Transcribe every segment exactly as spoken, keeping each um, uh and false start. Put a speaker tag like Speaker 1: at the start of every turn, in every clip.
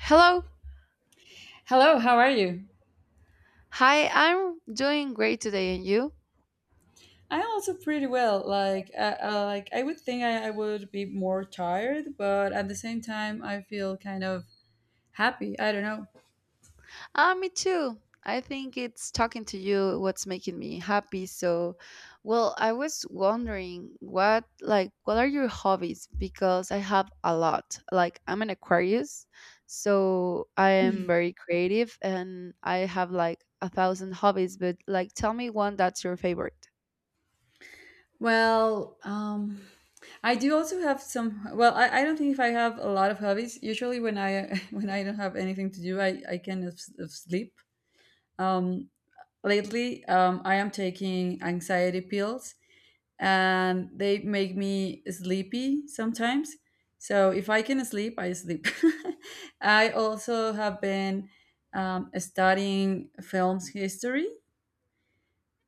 Speaker 1: Hello.
Speaker 2: Hello, how are you?
Speaker 1: Hi, I'm doing great today, and you?
Speaker 2: I'm also pretty well. Like, uh, uh, like I would think I, I would be more tired, but at the same time, I feel kind of happy. I don't know.
Speaker 1: Ah, me too. I think it's talking to you what's making me happy. So, well, I was wondering what like what are your hobbies? Because I have a lot. Like I'm an Aquarius, so I am very creative and I have like a thousand hobbies, but like tell me one that's your favorite.
Speaker 2: Well, um, I do also have some. Well, I, I don't think if I have a lot of hobbies. Usually, when I when I don't have anything to do, I I can of, s- of sleep. Um, lately, um, I am taking anxiety pills, and they make me sleepy sometimes. So if I can sleep, I sleep. I also have been um, studying films history,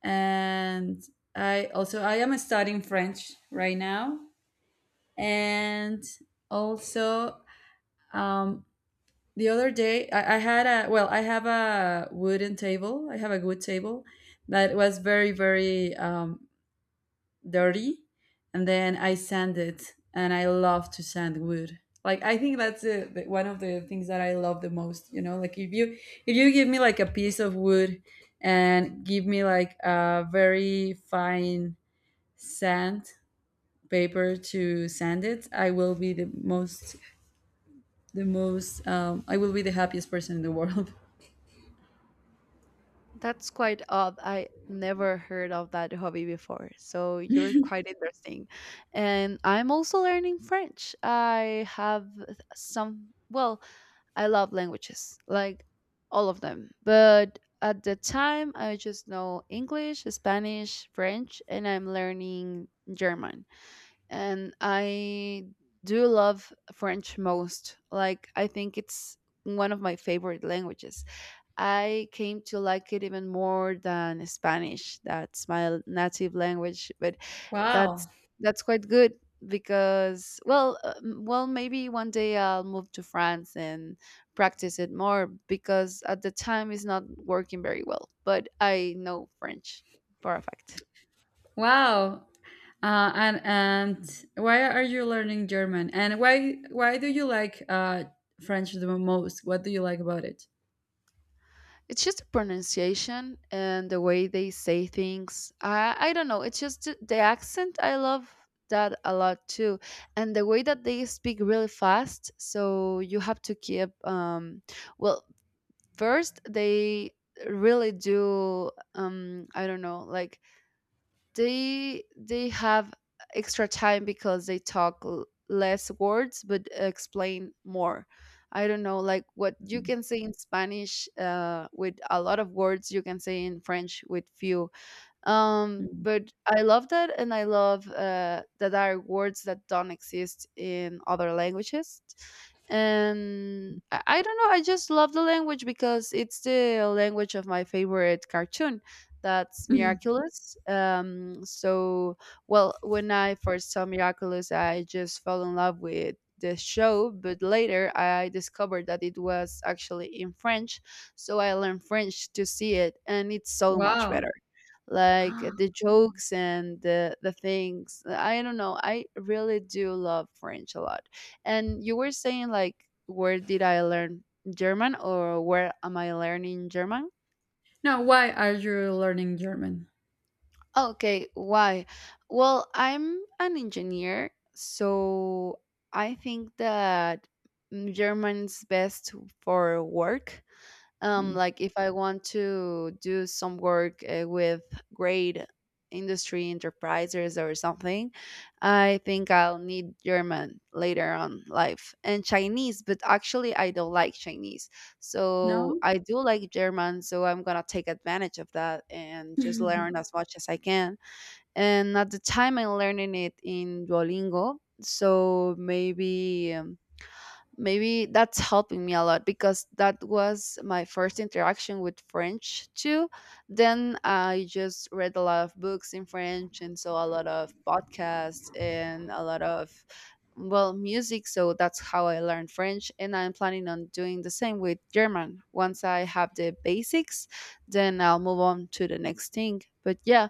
Speaker 2: and I also I am studying French right now, and also um, the other day I, I had a well I have a wooden table. I have a wood table that was very very um, dirty, and then I sand it, and I love to sand wood. Like I think that's the the- one of the things that I love the most, you know, like if you if you give me like a piece of wood and give me like a very fine sand paper to sand it, I will be the most the most um, I will be the happiest person in the world.
Speaker 1: That's quite odd. I never heard of that hobby before. So you're quite interesting. And I'm also learning French. I have some, well, I love languages, like all of them. But at the time, I just know English, Spanish, French, and I'm learning German, and I do love French most. Like I think it's one of my favorite languages. I came to like it even more than Spanish. That's my native language, but that's
Speaker 2: Wow.
Speaker 1: that's quite good because well, uh, m- well, maybe one day I'll move to France and practice it more because at the time it's not working very well, but I know French for a fact.
Speaker 2: Wow. Uh, and and why are you learning German? And why why do you like uh, French the most? What do you like about it?
Speaker 1: It's just the pronunciation and the way they say things. I I don't know. It's just th- the accent. I love that a lot too, and the way that they speak really fast. So you have to keep. Um, well, First they really do. Um, I don't know, like they they have extra time because they talk l- less words but explain more. I don't know, like what you can say in Spanish, uh, with a lot of words you can say in French with few. Um
Speaker 2: Mm.
Speaker 1: but I love that, and I love uh that there are words that don't exist in other languages. And I, I don't know, I just love the language because it's the language of my favorite cartoon, that's Miraculous. Um so, well, when I first saw Miraculous, I just fell in love with the show, but later I discovered that it was actually in French, so I learned French to see it, and it's so much
Speaker 2: Wow.
Speaker 1: better. Like the jokes and the the things. uh, I don't know. I really do love French a lot. And you were saying like where did I learn German, or where am I learning German?
Speaker 2: Now, why are you learning German?
Speaker 1: Okay, why? Well, I'm an engineer, so I think that mm, German's best for work. Um,
Speaker 2: Mm.
Speaker 1: like if I want to do some work uh, with great industry enterprises or something, I think I'll need German later on life, and Chinese, but actually I don't like Chinese.
Speaker 2: No.
Speaker 1: So I do like German, so I'm gonna take advantage of that and just learn as much as I can. And at the time I'm learning it in Duolingo. So maybe um, maybe that's helping me a lot because that was my first interaction with French too. Then I just read a lot of books in French and saw a lot of podcasts and a lot of well music. So that's how I learned French, and I'm planning on doing the same with German once I have the basics, then I'll move on to the next thing. But yeah,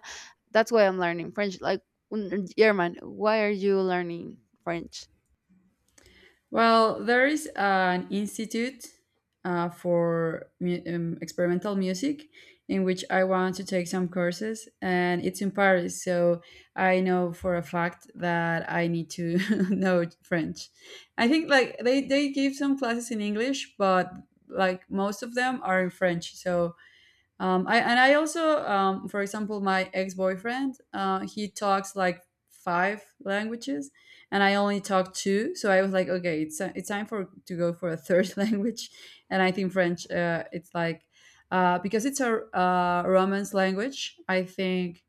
Speaker 1: that's why I'm learning French. Like, mm, German. Why are you learning French?
Speaker 2: Well, there is an institute uh, for mu- um, experimental music in which I want to take some courses, and it's in Paris. So I know for a fact that I need to know French. I think like they, they give some classes in English, but like most of them are in French. So um, I and I also, um, for example, my ex boyfriend, uh, he talks like five languages, and I only talk two. So I was like, okay, it's uh, it's time for to go for a third language, and I think French. Uh, it's like uh, because it's a uh, Romance language. I think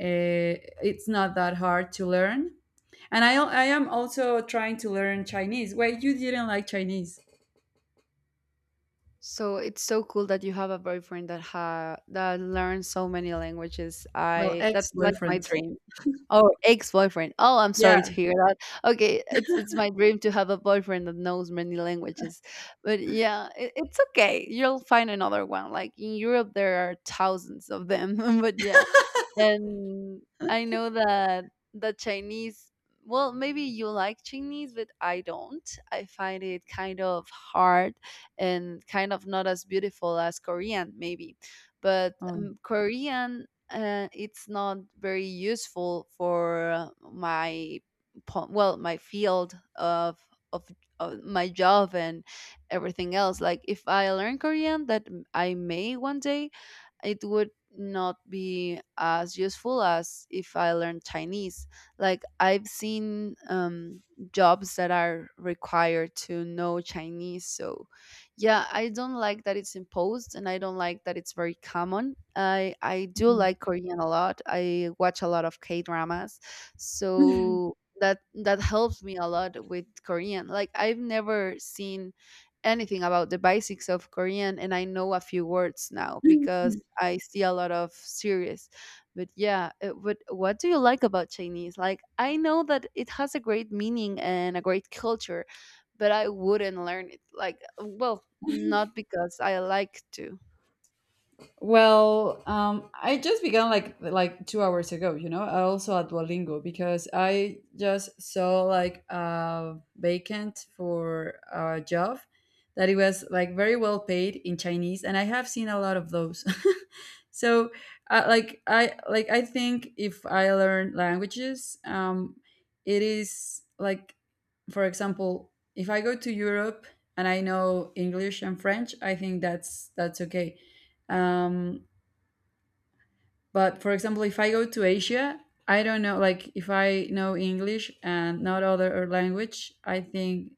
Speaker 2: uh, it's not that hard to learn, and I al- I am also trying to learn Chinese. Wait, you didn't like Chinese?
Speaker 1: So it's so cool that you have a boyfriend that ha that learns so many languages.
Speaker 2: Well,
Speaker 1: I
Speaker 2: ex
Speaker 1: That's like my
Speaker 2: boyfriend.
Speaker 1: dream. Oh, ex-boyfriend. Oh, I'm sorry to
Speaker 2: Yeah.
Speaker 1: hear that. Okay, it's it's my dream to have a boyfriend that knows many languages. But yeah, it, it's okay. You'll find another one. Like in Europe there are thousands of them. But yeah. And I know that the Chinese, well, maybe you like Chinese, but I don't. I find it kind of hard and kind of not as beautiful as Korean, maybe. But
Speaker 2: Oh.
Speaker 1: um, Korean, uh, it's not very useful for uh, my po- well my field of of of my job and everything else. Like if I learn Korean, that m- I may one day, it would not be as useful as if I learned Chinese. Like I've seen um, jobs that are required to know Chinese. So yeah, I don't like that it's imposed, and I don't like that it's very common. I I do like Korean a lot. I watch a lot of K dramas,
Speaker 2: Mhm.
Speaker 1: so that that helps me a lot with Korean. Like I've never seen anything about the basics of Korean, and I know a few words now because I see a lot of series. But yeah, uh, but what do you like about Chinese? Like I know that it has a great meaning and a great culture, but I wouldn't learn it. Like uh, well, not because I like to.
Speaker 2: Well, um, I just began like like two hours ago, you know. I also at Duolingo because I just saw like a vacant for a job that it was like very well paid in Chinese, and I have seen a lot of those. So, uh, like I like I think if I learn languages, um, it is like, for example, if I go to Europe and I know English and French, I think that's that's okay, um, but for example, if I go to Asia, I don't know, like if I know English and not other language, I think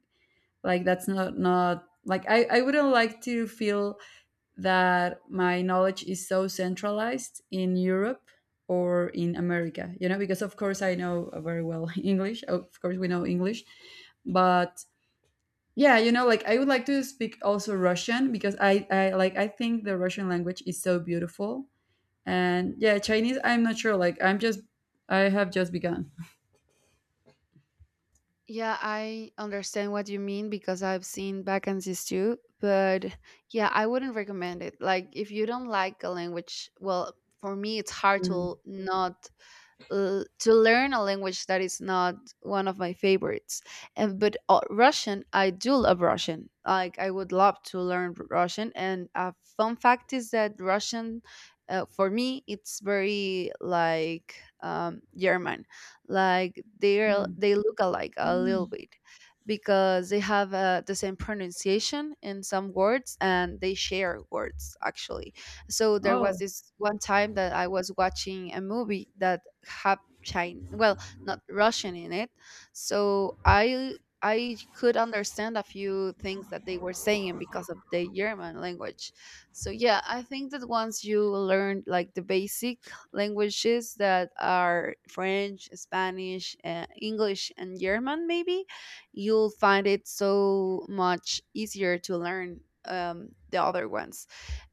Speaker 2: like that's not not like I, I wouldn't like to feel that my knowledge is so centralized in Europe or in America, you know, because of course I know very well English. Of course we know English, but yeah, you know, like I would like to speak also Russian, because i i like I think the Russian language is so beautiful. And yeah, Chinese I'm not sure, like i'm just I have just begun.
Speaker 1: Yeah, I understand what you mean because I've seen vacancies too, but yeah, I wouldn't recommend it. Like if you don't like a language, well, for me it's hard to not uh, to learn a language that is not one of my favorites. And, but uh, Russian, I do love Russian. Like I would love to learn Russian. And a fun fact is that Russian, uh, for me, it's very like um, German. Like they
Speaker 2: Mm.
Speaker 1: they look alike a little
Speaker 2: Mm.
Speaker 1: bit because they have uh, the same pronunciation in some words, and they share words actually. So there was
Speaker 2: Oh.
Speaker 1: this one time that I was watching a movie that had Chin well, not Russian in it. So I I could understand a few things that they were saying because of the German language. So yeah, I think that once you learn like the basic languages that are French, Spanish, uh, English, and German, maybe you'll find it so much easier to learn um, the other ones.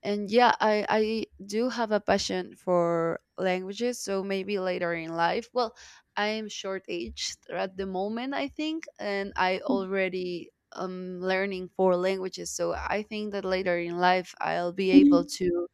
Speaker 1: And yeah, i i do have a passion for languages, so maybe later in life, well, I am short aged at the moment, I think, and I already um learning four languages, so I think that later in life I'll be able to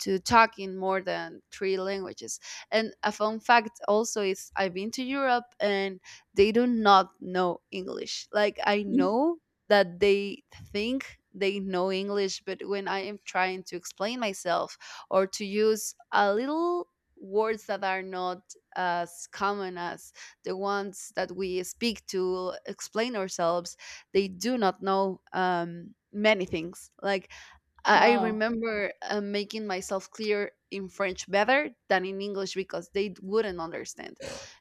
Speaker 1: to talk in more than three languages. And a fun fact also is I've been to Europe, and they do not know English. Like I know that they think they know English, but when I am trying to explain myself or to use a little words that are not as common as the ones that we speak to explain ourselves, they do not know um, many things. Like I I
Speaker 2: Wow.
Speaker 1: remember uh, making myself clear in French better than in English because they d- wouldn't understand.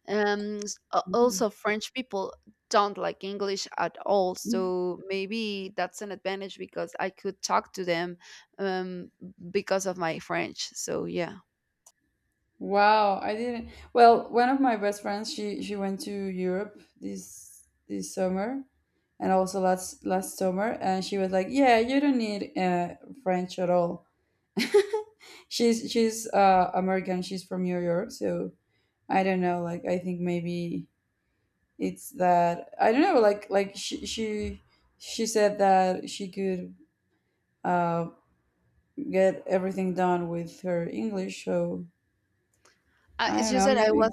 Speaker 1: Um, s- a-
Speaker 2: Mhm.
Speaker 1: also, French people don't like English at all, so maybe that's an advantage because I could talk to them, um, because of my French. So yeah.
Speaker 2: Wow, I didn't. Well, one of my best friends, she she went to Europe this this summer, and also last last summer, and she was like, "Yeah, you don't need uh French at all." She's she's uh American, she's from New York, so I don't know, like I think maybe it's that I don't know, like like she she she said that she could uh get everything done with her English, so
Speaker 1: Uh,
Speaker 2: I
Speaker 1: it's
Speaker 2: don't
Speaker 1: just
Speaker 2: know,
Speaker 1: that I was
Speaker 2: maybe.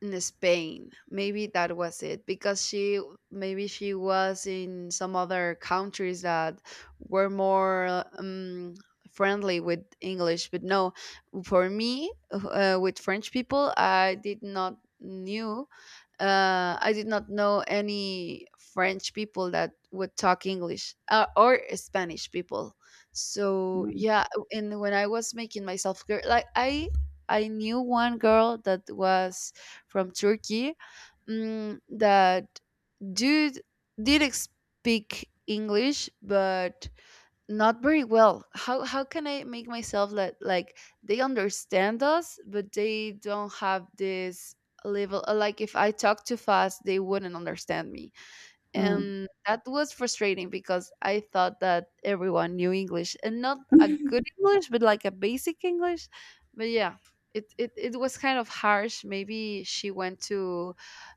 Speaker 1: in, ex- in Spain. Maybe that was it because she maybe she was in some other countries that were more um, friendly with English. But no, for me, uh, with French people, I did not knew uh, I did not know any French people that would talk English, uh, or Spanish people. So
Speaker 2: Mm,
Speaker 1: yeah, and when I was making myself girl, like I I knew one girl that was from Turkey, mm, that did did speak English, but not very well. How how can I make myself let like they understand us, but they don't have this level. Uh, like if I talk too fast, they wouldn't understand me,
Speaker 2: mm.
Speaker 1: and that was frustrating because I thought that everyone knew English, and not a good English, but like a basic English. But yeah, it, it, it was kind of harsh. Maybe she went to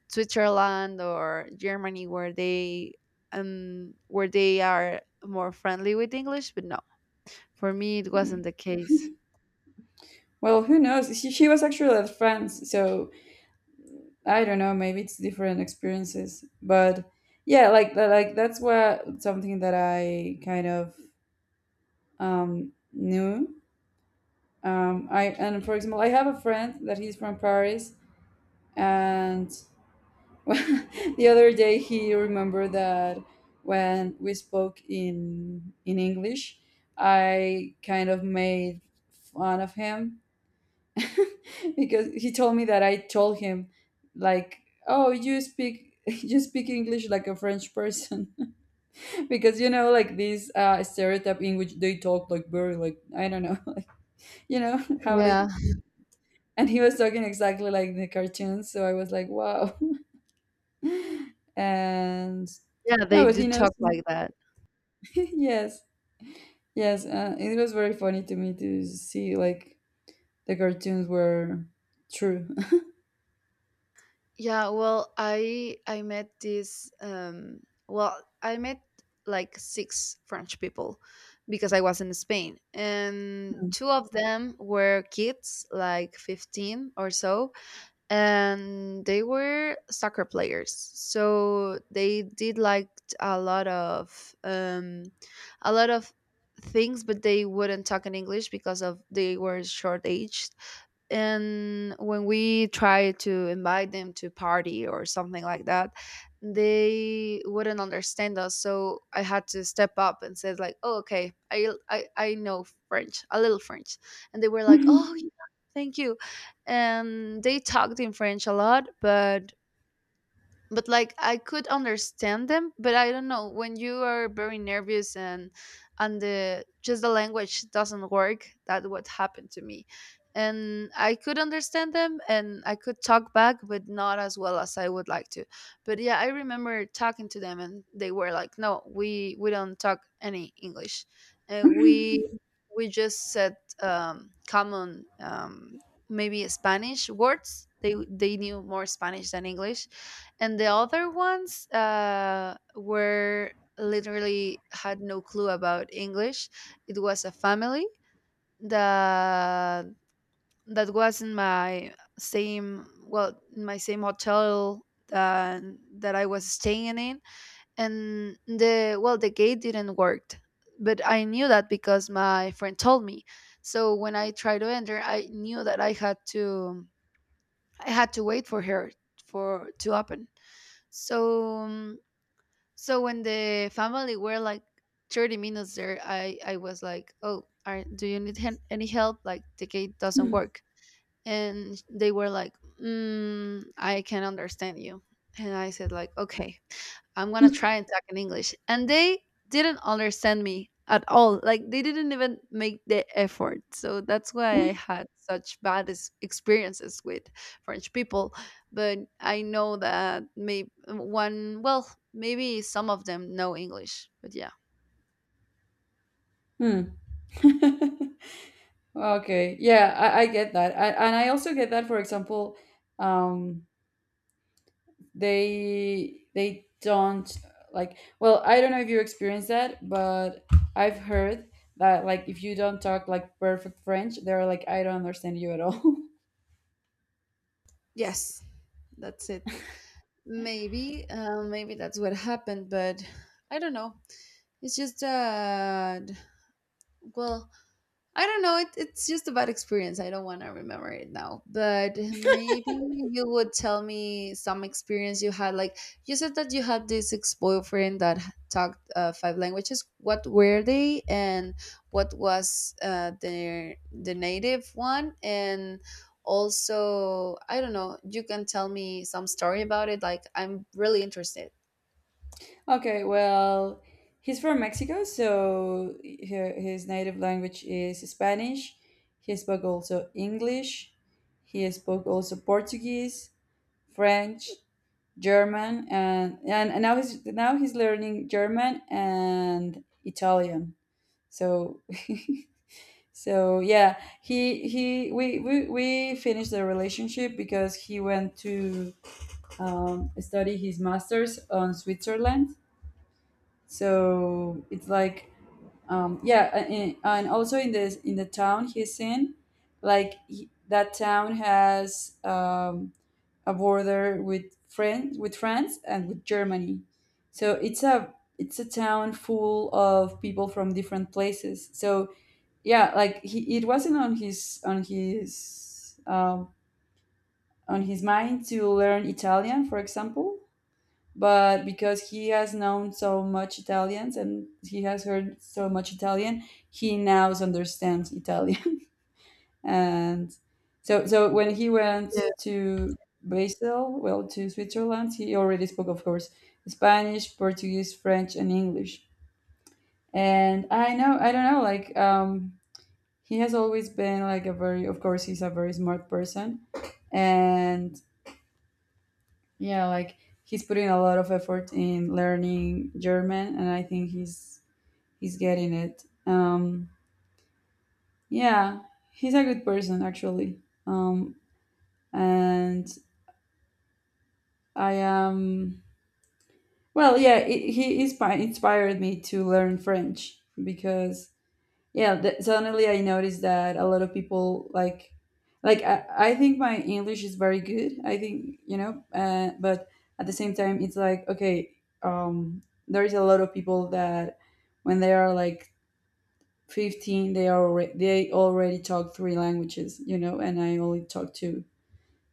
Speaker 1: Switzerland or Germany where they um where they are more friendly with English, but no. For me it wasn't the case.
Speaker 2: Well, who knows? She, she was actually at France, so I don't know. Maybe it's different experiences, but yeah, like that, like that's what something that I kind of um, knew. Um, I and for example, I have a friend that he's from Paris, and the other day he remembered that when we spoke in in English, I kind of made fun of him, because he told me that I told him like, "Oh, you speak you speak English like a French person." Because you know, like these uh stereotype in which they talk like very, like, I don't know, like, you know, how
Speaker 1: Yeah.
Speaker 2: they, and he was talking exactly like the cartoons, so I was like, wow. And
Speaker 1: Yeah, they
Speaker 2: no, but
Speaker 1: do
Speaker 2: he knows.
Speaker 1: talk like that.
Speaker 2: Yes, yes. Uh, it was very funny to me to see like the cartoons were true.
Speaker 1: Yeah, well, I I met this um well, I met like six French people because I was in Spain. And two of them were kids, like fifteen or so, and they were soccer players. So they did like a lot of um a lot of things, but they wouldn't talk in English because of they were short aged, and when we try to invite them to party or something like that, they wouldn't understand us. So I had to step up and said like, oh, okay, i i, I know French, a little French. And they were like, oh, yeah, thank you. And they talked in French a lot, but but like I could understand them, but I don't know, when you are very nervous, and and the just the language doesn't work. That what happened to me, and I could understand them and I could talk back, but not as well as I would like to. But yeah, I remember talking to them and they were like, "No, we we don't talk any English, and we we just said um, common um, maybe Spanish words." They they knew more Spanish than English, and the other ones uh, were literally had no clue about English. It was a family that that was in my same, well, in my same hotel that, that I was staying in. And the, well, the gate didn't work, but I knew that because my friend told me. So when I tried to enter, I knew that i had to I had to wait for her, for to open. So um, so when the family were like thirty minutes there, I I was like, "Oh, are, do you need hen- any help? Like the gate doesn't work." And they were like, mm, "I can understand you." And I said like, "Okay. I'm gonna try and talk in English." And they didn't understand me at all. Like they didn't even make the effort. So that's why I had such bad ex- experiences with French people. But I know that maybe one, well, maybe some of them know English. But yeah.
Speaker 2: Hmm. Okay. Yeah, I, I get that. I, and I also get that, for example, um, they they don't like, well, I don't know if you experience that, but I've heard that like if you don't talk like perfect French, they're like, I don't understand you at all.
Speaker 1: Yes, that's it. Maybe, uh, maybe that's what happened. But I don't know. It's just that, well, I don't know. It, it's just a bad experience. I don't want to remember it now. But maybe you would tell me some experience you had. Like you said that you had this ex boyfriend that h- talked uh, five languages. What were they, and what was uh, their the native one? And also, I don't know. You can tell me some story about it. Like I'm really interested.
Speaker 2: Okay, well, he's from Mexico, so hi- his native language is Spanish. He spoke also English. He spoke also Portuguese, French, German, and and, and now he's now he's learning German and Italian. So so yeah, he he we we, we finished the relationship because he went to um, study his master's on Switzerland, so it's like, um, yeah, a- and, and also in the in the town he's in, like he, that town has um, a border with France, with France and with Germany. So it's a it's a town full of people from different places. So yeah, like he, it wasn't on his on his um, on his mind to learn Italian, for example, but because he has known so much Italians and he has heard so much Italian, he now understands Italian. And so, so when he went to Basel, well, to Switzerland, he already spoke, of course, Spanish, Portuguese, French, and English. And I know, I don't know, like, um, he has always been like a very, of course, he's a very smart person, and yeah, like he's putting a lot of effort in learning German, and I think he's he's getting it. Um, yeah, he's a good person actually. Um, and I am, well, yeah, it, he inspi- inspired me to learn French, because yeah, th- suddenly I noticed that a lot of people like, like I, I think my English is very good. I think, you know, uh, but at the same time, it's like okay, um, there is a lot of people that when they are like fifteen, they are already, they already talk three languages, you know, and I only talk two.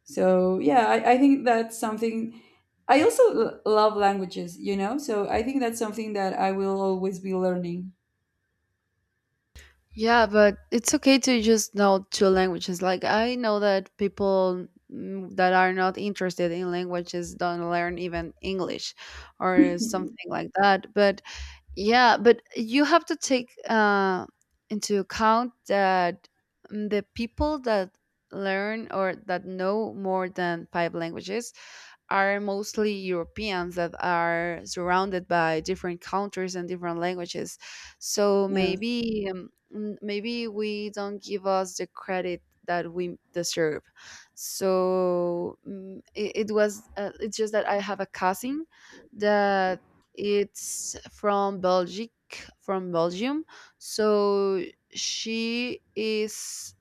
Speaker 2: So yeah, I, I think that's something. I also l- love languages, you know, so I think that's something that I will always be learning.
Speaker 1: Yeah, but it's okay to just know two languages. Like I know that people mm, that are not interested in languages don't learn even English or something like that. But yeah, but you have to take uh, into account that, mm, the people that learn or that know more than five languages are mostly Europeans that are surrounded by different countries and different languages. So
Speaker 2: Yes.
Speaker 1: maybe um, mm, maybe we don't give us the credit that we deserve. So, mm, it, it was uh, it's just that I have a cousin that it's from Belgic, from Belgium. So she is,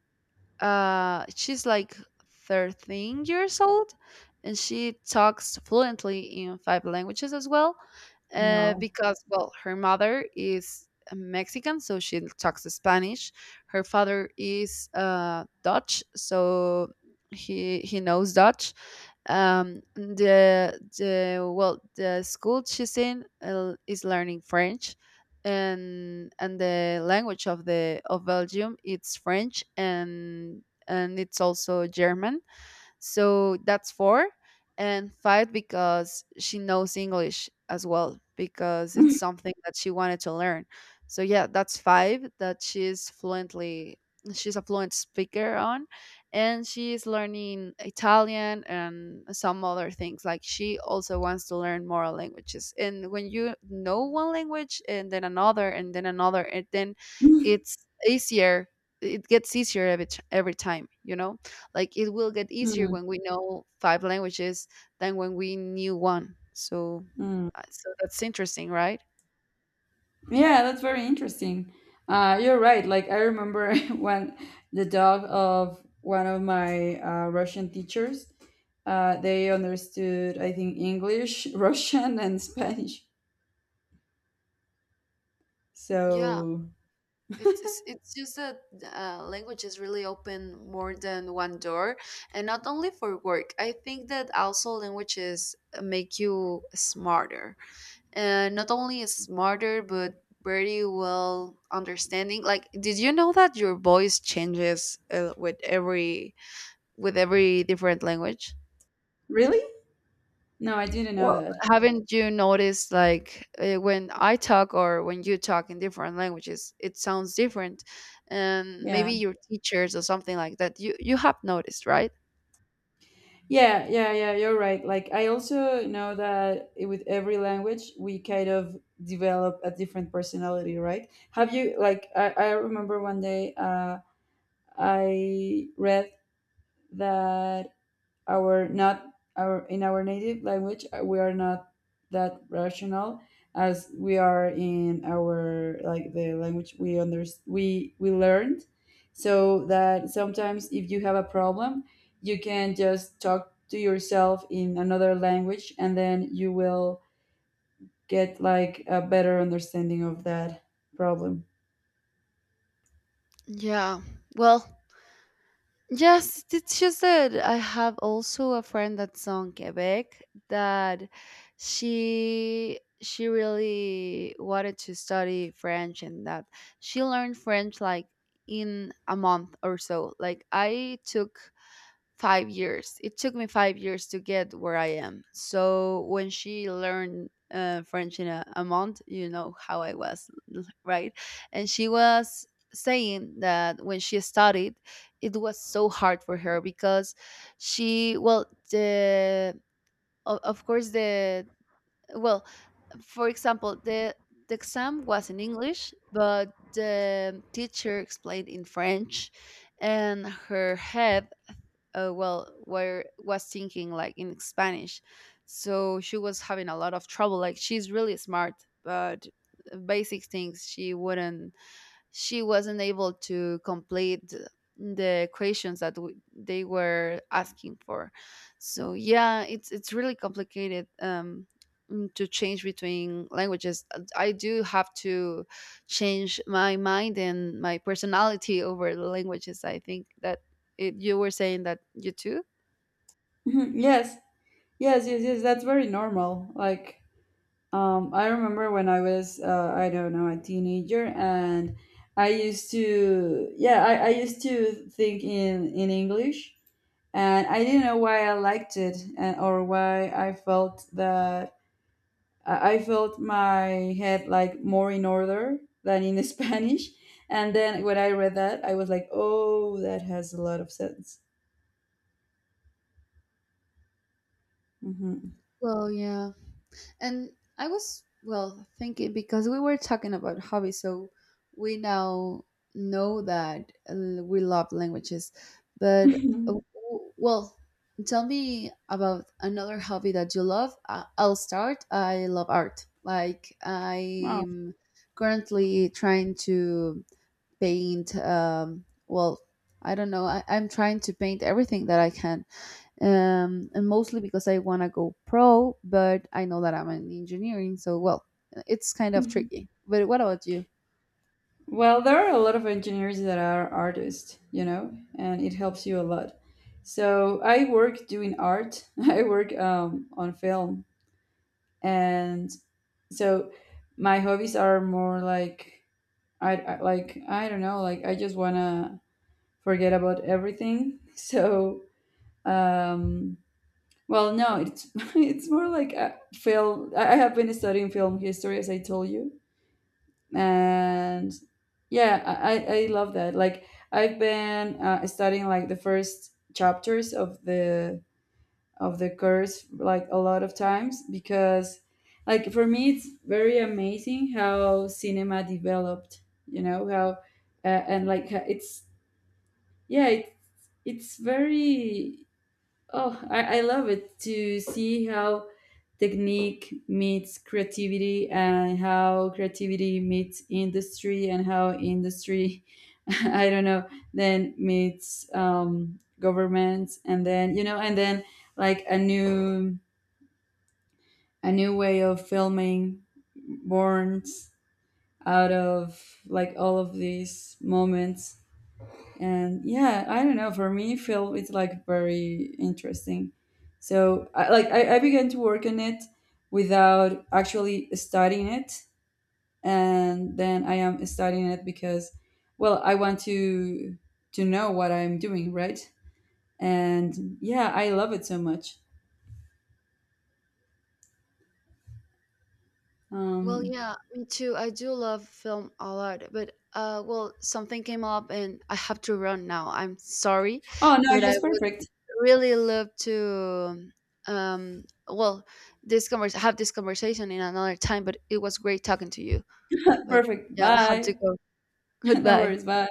Speaker 1: uh, she's like thirteen years old, and she talks fluently in five languages as well, uh,
Speaker 2: Wow.
Speaker 1: because, well, her mother is a Mexican, so she talks Spanish. Her father is uh, Dutch, so he he knows Dutch. um the the, well, the school she's in, uh, is learning French. and and the language of the, of Belgium, it's French, and and it's also German. So that's four. And five, because she knows English as well, because it's something that she wanted to learn. So yeah, that's five that she's fluently, she's a fluent speaker on. And she's learning Italian and some other things. Like she also wants to learn more languages. And when you know one language and then another and then another, and then
Speaker 2: Mm,
Speaker 1: it's easier, it gets easier every, t- every time you know. Like it will get easier when we know five languages than when we knew one. So,
Speaker 2: mm.
Speaker 1: uh, so that's interesting, right?
Speaker 2: Yeah, that's very interesting. Uh, you're right. Like I remember when the dog of one of my uh, Russian teachers, uh, they understood I think English, Russian, and Spanish.
Speaker 1: Yeah,
Speaker 2: So
Speaker 1: it's it's it's just that, uh, languages really open more than one door, and not only for work. I think that also languages uh, make you smarter, and not only smarter, but very well understanding. Like, did you know that your voice changes uh, with every, with every different language?
Speaker 2: really, no, I didn't know
Speaker 1: Well,
Speaker 2: that.
Speaker 1: haven't you noticed like, uh, when I talk or when you talk in different languages, it sounds different, and maybe
Speaker 2: Yeah,
Speaker 1: your teachers or something like that. You you have noticed, right?
Speaker 2: yeah, yeah, yeah. You're right. Like I also know that i- with every language, we kind of develop a different personality, right? Have you, like I, I remember one day. Uh, I read that our not our in our native language uh, we are not that rational as we are in our, like the language we under we we learned. So that sometimes if you have a problem, you can just talk to yourself in another language, and then you will get like a better understanding of that problem.
Speaker 1: Yeah. Well, yes, it's just that I have also a friend that's from Quebec, that she she really wanted to study French, and that she learned French like in a month or so. Like I took five years. It took me five years to get where I am. So when she learned uh, French in a, a month, you know how I was, right? And she was saying that when she studied, it was so hard for her because she, well, the o- of course, the, well, for example, the the exam was in English, but the teacher explained in French, and her head, uh, well, were was thinking like in Spanish. So she was having a lot of trouble. Like she's really smart, but basic things she wouldn't, she wasn't able to complete the equations that w- they were asking for. So yeah, it's it's really complicated. Um mm, to change between languages, uh, I do have to change my mind and my personality over the languages. I think that, it, you were saying that you too.
Speaker 2: Mhm, yes. Yes, yes, yes, that's very normal. Like, Um, I remember when I was, uh, I don't know, a teenager, and I used to, yeah, I, I used to think in in English, and I didn't know why I liked it, and or why I felt that I I felt my head like more in order than in Spanish. And then when I read that, I was like, oh, that has a lot of sense. Hmm.
Speaker 1: Well, yeah. And I was, well, thinking because we were talking about hobbies, so we now know that uh, we love languages. But, uh, w- well, tell me about another hobby that you love. Uh, I'll start. I love art. Like, I'm currently trying to paint, um, well, I don't know. I, I'm trying to paint everything that I can, um, and mostly because I want to go pro, but I know that I'm in engineering, so, well, it's kind of
Speaker 2: Oh.
Speaker 1: tricky. But what about you?
Speaker 2: Well, there are a lot of engineers that are artists, you know, and it helps you a lot. So I work doing art. I work um, on film, and so my hobbies are more like, I, I like I don't know, like I just wanna forget about everything. So um, well, no, it's it's more like a film. I I have been studying film history, as I told you, and yeah, I i I love that. Like I've been uh, studying like the first chapters of the of the course like a lot of times, because like for me it's very amazing how cinema developed, you know how uh, and like ha- it's, yeah, it, it's very, oh, I, I love it to see how technique meets creativity, and how creativity meets industry, and how industry, I don't know, then meets um, governments, and then, you know, and then like a new, a new way of filming borns out of like all of these moments. And yeah, I don't know, for me film is like very interesting, so I, like I, I began to work on it without actually studying it, and then I am studying it because, well, I want to to know what I'm doing, right? And yeah, I love it so much.
Speaker 1: Well,
Speaker 2: Um,
Speaker 1: yeah, me too. I do love film a lot, but, uh, well, something came up and I have to run now. I'm sorry,
Speaker 2: oh no,
Speaker 1: but I
Speaker 2: just
Speaker 1: would
Speaker 2: perfect.
Speaker 1: really love to, um, well, this convers have this conversation in another time, but it was great talking to you. But
Speaker 2: Perfect,
Speaker 1: yeah, I have to
Speaker 2: bye.
Speaker 1: go.
Speaker 2: No
Speaker 1: Goodbye.
Speaker 2: worries, bye.